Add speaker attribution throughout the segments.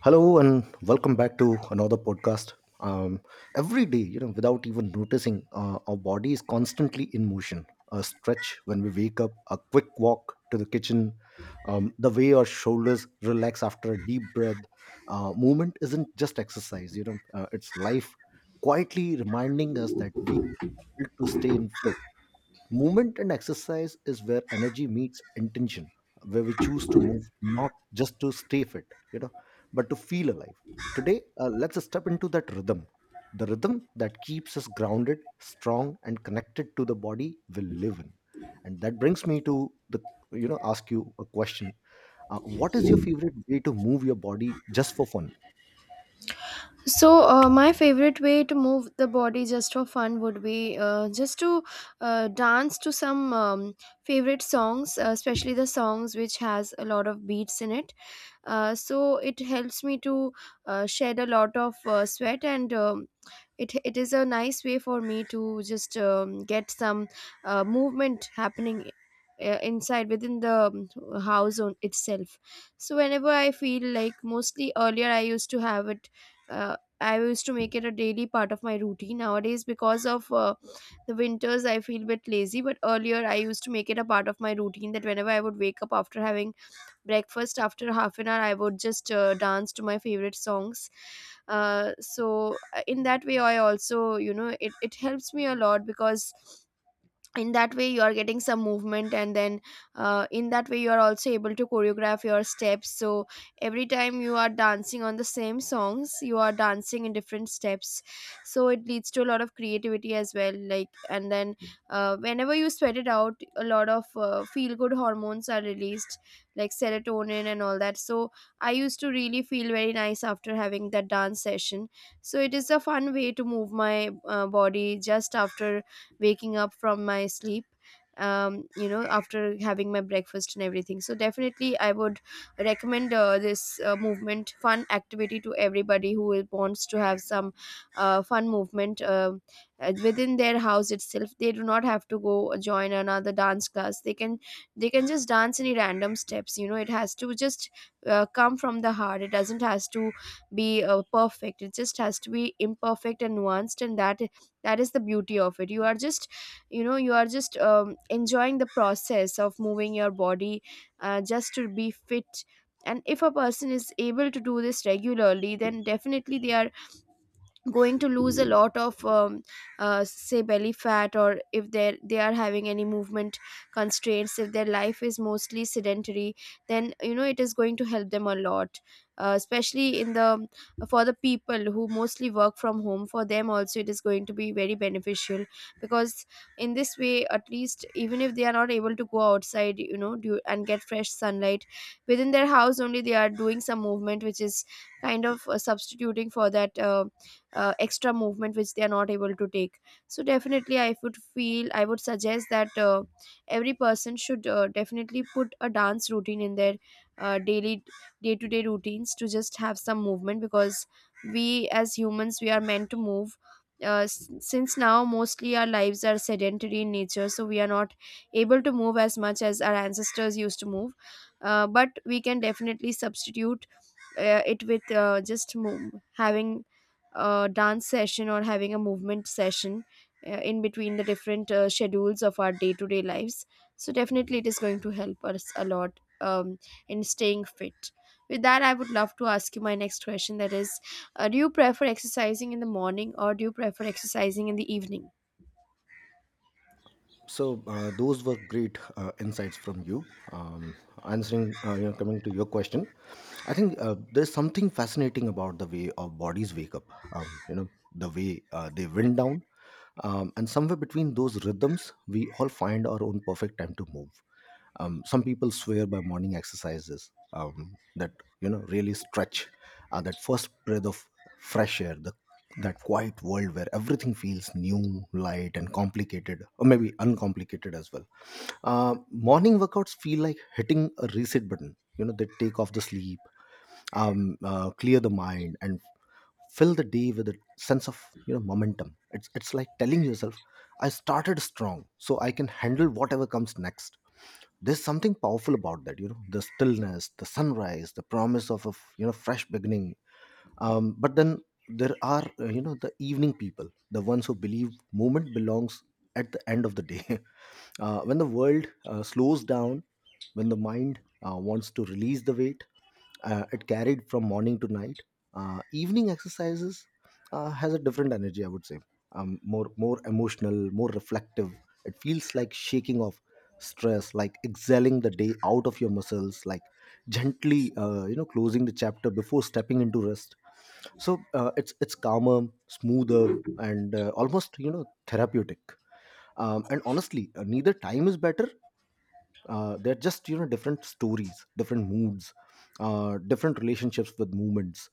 Speaker 1: Hello and welcome back to another podcast. Um, every day, you know, without even noticing, our body is constantly in motion. A stretch when we wake up, a quick walk to the kitchen, the way our shoulders relax after a deep breath. Movement isn't just exercise, you know, it's life quietly reminding us that we need to stay in flow. Movement and exercise is where energy meets intention, where we choose to move not just to stay fit, you know, but to feel alive. Today, let's step into that rhythm, the rhythm that keeps us grounded, strong, and connected to the body we live in. And that brings me to ask you a question. What is your favorite way to move your body just for fun?
Speaker 2: So, my favorite way to move the body just for fun would be just to dance to some favorite songs, especially the songs which has a lot of beats in it, so it helps me to shed a lot of sweat and it is a nice way for me to just get some movement happening inside within the house on itself. So whenever I feel like, mostly earlier I used to have it, I used to make it a daily part of my routine. Nowadays, because of the winters, I feel a bit lazy, but earlier I used to make it a part of my routine that whenever I would wake up, after having breakfast, after half an hour I would just dance to my favorite songs. So in that way, I also, you know, it helps me a lot because in that way you are getting some movement. And then in that way you are also able to choreograph your steps. So every time you are dancing on the same songs, you are dancing in different steps. So it leads to a lot of creativity as well, like. And then whenever you sweat it out, a lot of feel good hormones are released, like serotonin and all that. So I used to really feel very nice after having that dance session. So it is a fun way to move my body just after waking up from my sleep, um, you know, after having my breakfast and everything. So definitely I would recommend this movement fun activity to everybody who wants to have some fun movement within their house itself. They do not have to go join another dance class. They can, they can just dance any random steps. You know, it has to just come from the heart. It doesn't has to be perfect. It just has to be imperfect and nuanced, and that is the beauty of it. You are just, you know, you are just enjoying the process of moving your body just to be fit. And if a person is able to do this regularly, then definitely they are going to lose a lot of say belly fat. Or if they are having any movement constraints, if their life is mostly sedentary, then, you know, it is going to help them a lot, especially in the, for the people who mostly work from home, for them also it is going to be very beneficial. Because in this way, at least even if they are not able to go outside, you know, and get fresh sunlight, within their house only they are doing some movement, which is kind of substituting for that extra movement which they are not able to take. So definitely I would feel, I would suggest that, every person should definitely put a dance routine in their daily day to day routines to just have some movement. Because we as humans, we are meant to move. Since now mostly our lives are sedentary in nature, so we are not able to move as much as our ancestors used to move. But we can definitely substitute it with having a dance session or having a movement session in between the different schedules of our day-to-day lives. So definitely it is going to help us a lot, in staying fit. With that, I would love to ask you my next question, that is, do you prefer exercising in the morning or do you prefer exercising in the evening?
Speaker 1: So, those were great insights from you. Um, Answering, coming to your question, I think there's something fascinating about the way our bodies wake up. Um, you know, the way they wind down, and somewhere between those rhythms, we all find our own perfect time to move. Some people swear by morning exercises that you know really stretch, that first breath of fresh air, the that quiet world where everything feels new, light and complicated, or maybe uncomplicated as well. Morning workouts feel like hitting a reset button. You know, they take off the sleep, clear the mind and fill the day with a sense of, you know, momentum. It's like telling yourself, I started strong so I can handle whatever comes next. There's something powerful about that, you know, the stillness, the sunrise, the promise of a you know, fresh beginning. But then there are, you know, the evening people, the ones who believe movement belongs at the end of the day. When the world slows down, when the mind wants to release the weight it carried from morning to night. Evening exercises has a different energy, I would say. More emotional, more reflective. It feels like shaking off stress, like exhaling the day out of your muscles, like gently, you know, closing the chapter before stepping into rest. So, it's calmer, smoother, and almost, you know, therapeutic. And honestly, neither time is better. They're just, you know, different stories, different moods, different relationships with movements.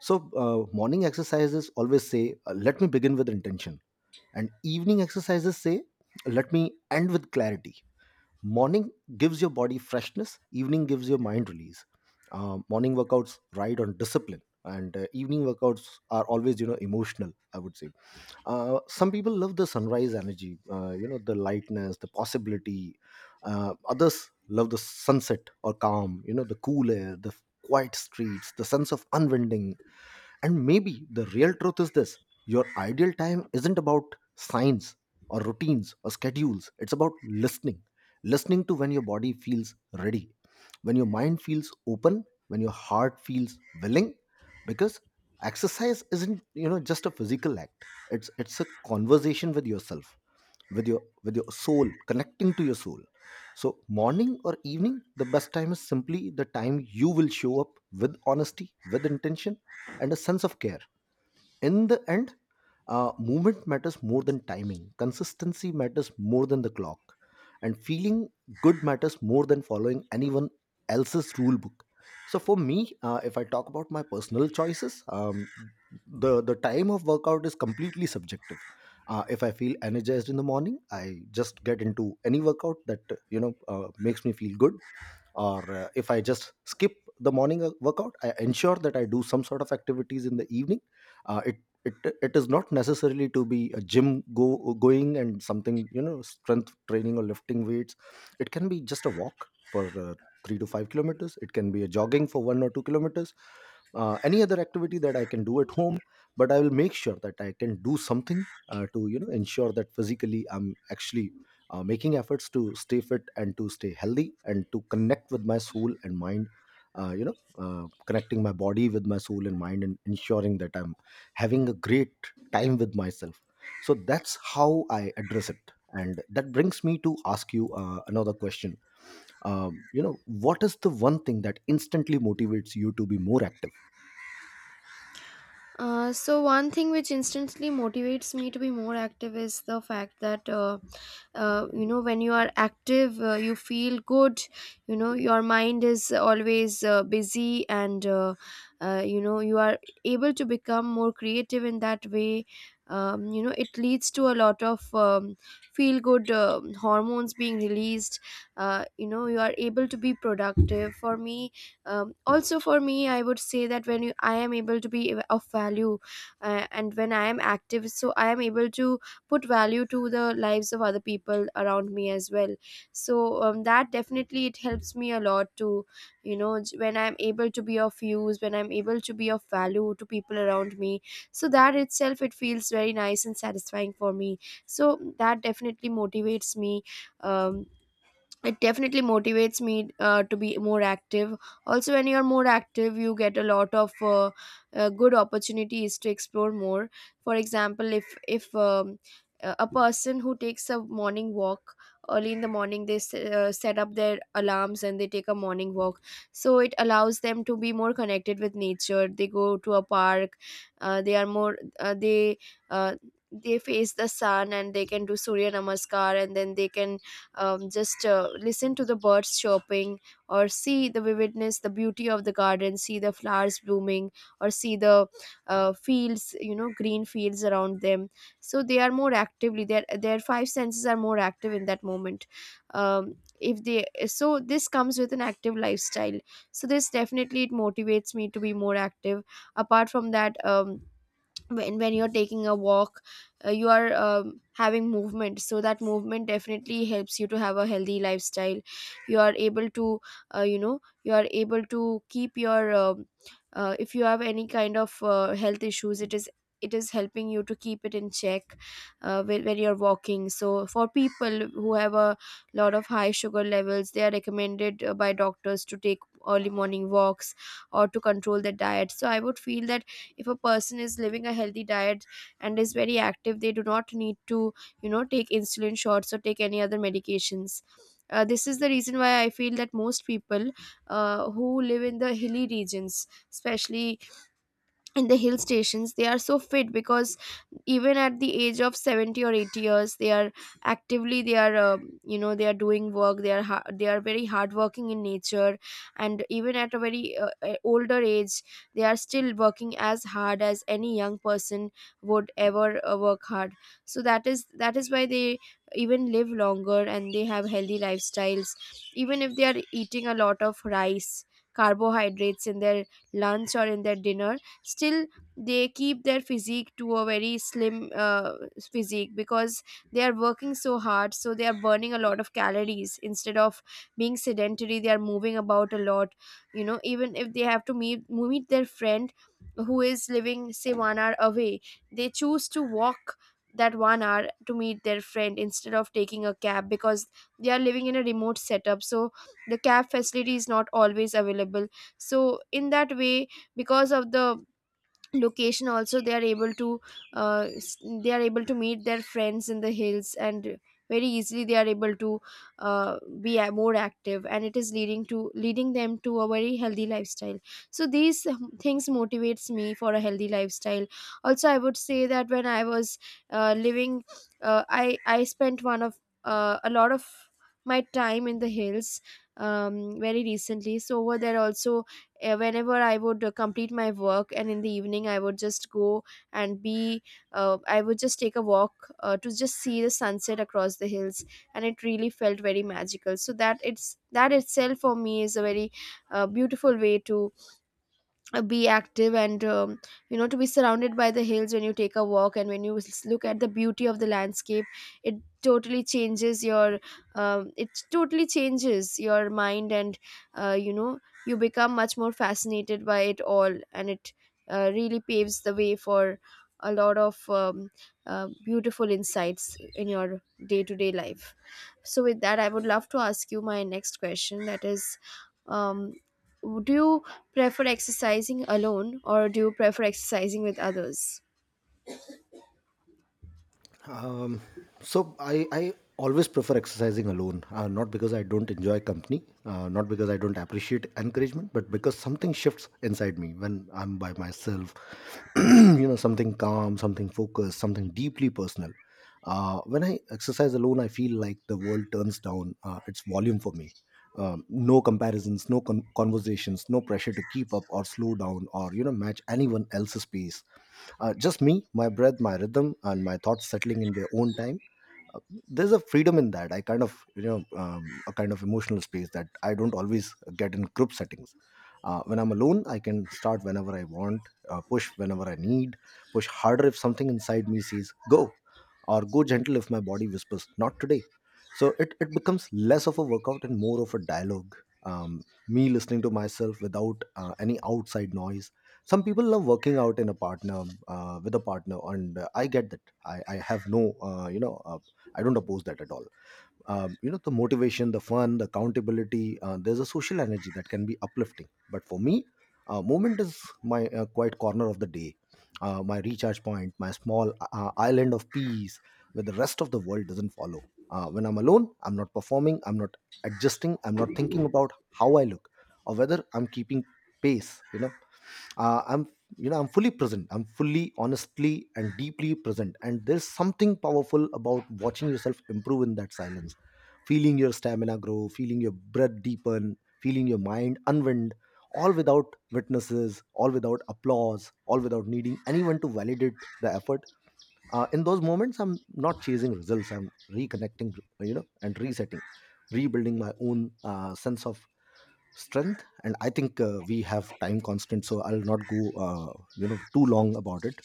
Speaker 1: So, morning exercises always say, let me begin with intention, and evening exercises say, let me end with clarity. Morning gives your body freshness, evening gives your mind release. Morning workouts ride on discipline, and evening workouts are always, you know, emotional, I would say. Some people love the sunrise energy, you know, the lightness, the possibility. Others love the sunset or calm, you know, the cool air, the quiet streets, the sense of unwinding. And maybe the real truth is this: your ideal time isn't about signs or routines or schedules, it's about listening. Listening to when your body feels ready, when your mind feels open, when your heart feels willing, because exercise isn't, you know, just a physical act. It's a conversation with yourself, with your soul, connecting to your soul. So morning or evening, the best time is simply the time you will show up with honesty, with intention, and a sense of care. In the end, movement matters more than timing. Consistency matters more than the clock. And feeling good matters more than following anyone else's rule book. So for me, if I talk about my personal choices, the time of workout is completely subjective. If I feel energized in the morning, I just get into any workout that makes me feel good. Or if I just skip the morning workout, I ensure that I do some sort of activities in the evening. uh, it it, it is not necessarily to be a gym go going and something, you know, strength training or lifting weights. It can be just a walk for 3 to 5 kilometers. It can be a jogging for 1 or 2 kilometers, any other activity that I can do at home. But I will make sure that I can do something to, you know, ensure that physically I'm actually making efforts to stay fit and to stay healthy and to connect with my soul and mind. Connecting my body with my soul and mind and ensuring that I'm having a great time with myself. So that's how I address it, and that brings me to ask you another question. You know, what is the one thing that instantly motivates you to be more active?
Speaker 2: So one thing which instantly motivates me to be more active is the fact that, you know, when you are active, you feel good. You know, your mind is always busy, and you know, you are able to become more creative in that way. Um, you know, it leads to a lot of, feel good hormones being released. You know, you are able to be productive. For me, also for me, I would say that when you, I am able to be of value and when I am active, so I am able to put value to the lives of other people around me as well. So, that definitely it helps me a lot to, you know, when I'm able to be of use, when I'm able to be of value to people around me, so that itself it feels very nice and satisfying for me. So that definitely motivates me, um, it definitely motivates me to be more active. Also when you're more active, you get a lot of good opportunities to explore more. For example, if a person who takes a morning walk early in the morning, they set up their alarms and they take a morning walk. So it allows them to be more connected with nature. They go to a park. uh, they are more uh, they uh, they face the sun, and they can do surya namaskar, and then they can, just listen to the birds chirping, or see the vividness, the beauty of the garden, see the flowers blooming, or see the fields, you know, green fields around them. So they are more actively, their 5 senses are more active in that moment. Um, if they, so this comes with an active lifestyle. So this definitely it motivates me to be more active. Apart from that, when you're taking a walk, you are, having movement, so that movement definitely helps you to have a healthy lifestyle. You are able to you know, you are able to keep your um, if you have any kind of health issues, it is helping you to keep it in check. When you're walking, so for people who have a lot of high sugar levels, they are recommended by doctors to take early morning walks, or to control their diet. So I would feel that if a person is living a healthy diet and is very active, they do not need to, you know, take insulin shots or take any other medications. This is the reason why I feel that most people who live in the hilly regions, especially in the hill stations, they are so fit. Because even at the age of 70 or 80 years, they are actively, they are, um, you know, they are doing work, they are they are very hardworking in nature. And even at a very older age, they are still working as hard as any young person would ever work hard. So that is, that is why they even live longer and they have healthy lifestyles. Even if they are eating a lot of rice carbohydrates in their lunch or in their dinner, still they keep their physique to a very slim physique. Because they are working so hard, so they are burning a lot of calories instead of being sedentary. They are moving about a lot. You know, even if they have to meet their friend who is living, say, 1 hour away, they choose to walk that 1 hour to meet their friend instead of taking a cab. Because they are living in a remote setup, so the cab facility is not always available. So in that way, because of the location also, they are able to, uh, s- they are able to meet their friends in the hills. And very easily they are able to be more active, and it is leading to, leading them to a very healthy lifestyle. So these, things motivates me for a healthy lifestyle. Also, I would say that when I was living, I spent one of, a lot of my time in the hills, very recently. So over there also, whenever I would complete my work, and in the evening I would just go and be, I would just take a walk to just see the sunset across the hills. And it really felt very magical. So that, it's, that itself for me is a very beautiful way to be active. And, you know, to be surrounded by the hills when you take a walk, and when you look at the beauty of the landscape, it totally changes your, it totally changes your mind. And you know, you become much more fascinated by it all, and it really paves the way for a lot of beautiful insights in your day-to-day life. So, with that, I would love to ask you my next question, that is, um, do you prefer exercising alone or do you prefer exercising with others?
Speaker 1: Um, so I always prefer exercising alone, not because I don't enjoy company, not because I don't appreciate encouragement, but because something shifts inside me when I'm by myself. You know, something calm, something focused, something deeply personal. When I exercise alone, I feel like the world turns down its volume for me. No comparisons, no conversations, no pressure to keep up or slow down or, you know, match anyone else's pace. Just me, my breath, my rhythm, and my thoughts settling in their own time. uh, there's a freedom in that, I kind of, you know, a kind of emotional space that I don't always get in group settings. When I'm alone, I can start whenever I want, push whenever I need, push harder if something inside me says go, or go gentle if my body whispers not today. So it becomes less of a workout and more of a dialogue. Me listening to myself without any outside noise. Some people love working out in a partner, with a partner, and I get that. I have no I don't oppose that at all. You know, the motivation, the fun, the accountability, there's a social energy that can be uplifting. But for me, movement is my quiet corner of the day, my recharge point, my small island of peace where the rest of the world doesn't follow. When I'm alone, I'm not performing, I'm not adjusting, I'm not thinking about how I look or whether I'm keeping pace. You know, uh, i'm I'm fully present, I'm fully honestly and deeply present, and there's something powerful about watching yourself improve in that silence, feeling your stamina grow, feeling your breath deepen, feeling your mind unwind, all without witnesses, all without applause, all without needing anyone to validate the effort. In those moments, I'm not chasing results, I'm reconnecting, you know, and resetting, rebuilding my own sense of strength. And I think we have time constant, so I'll not go you know too long about it.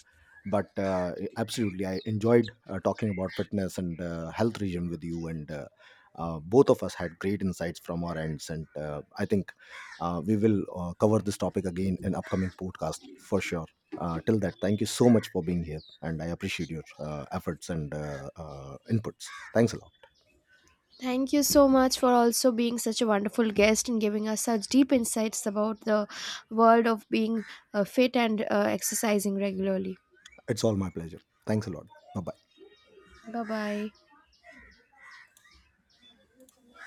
Speaker 1: But absolutely, I enjoyed talking about fitness and health regime with you, and both of us had great insights from our ends. And I think we will cover this topic again in upcoming podcast for sure. Till that, thank you so much for being here, and I appreciate your efforts and inputs. Thanks a lot.
Speaker 2: Thank you so much for also being such a wonderful guest and giving us such deep insights about the world of being fit and exercising regularly.
Speaker 1: It's all my pleasure. Thanks a lot. Bye bye.
Speaker 2: Bye bye.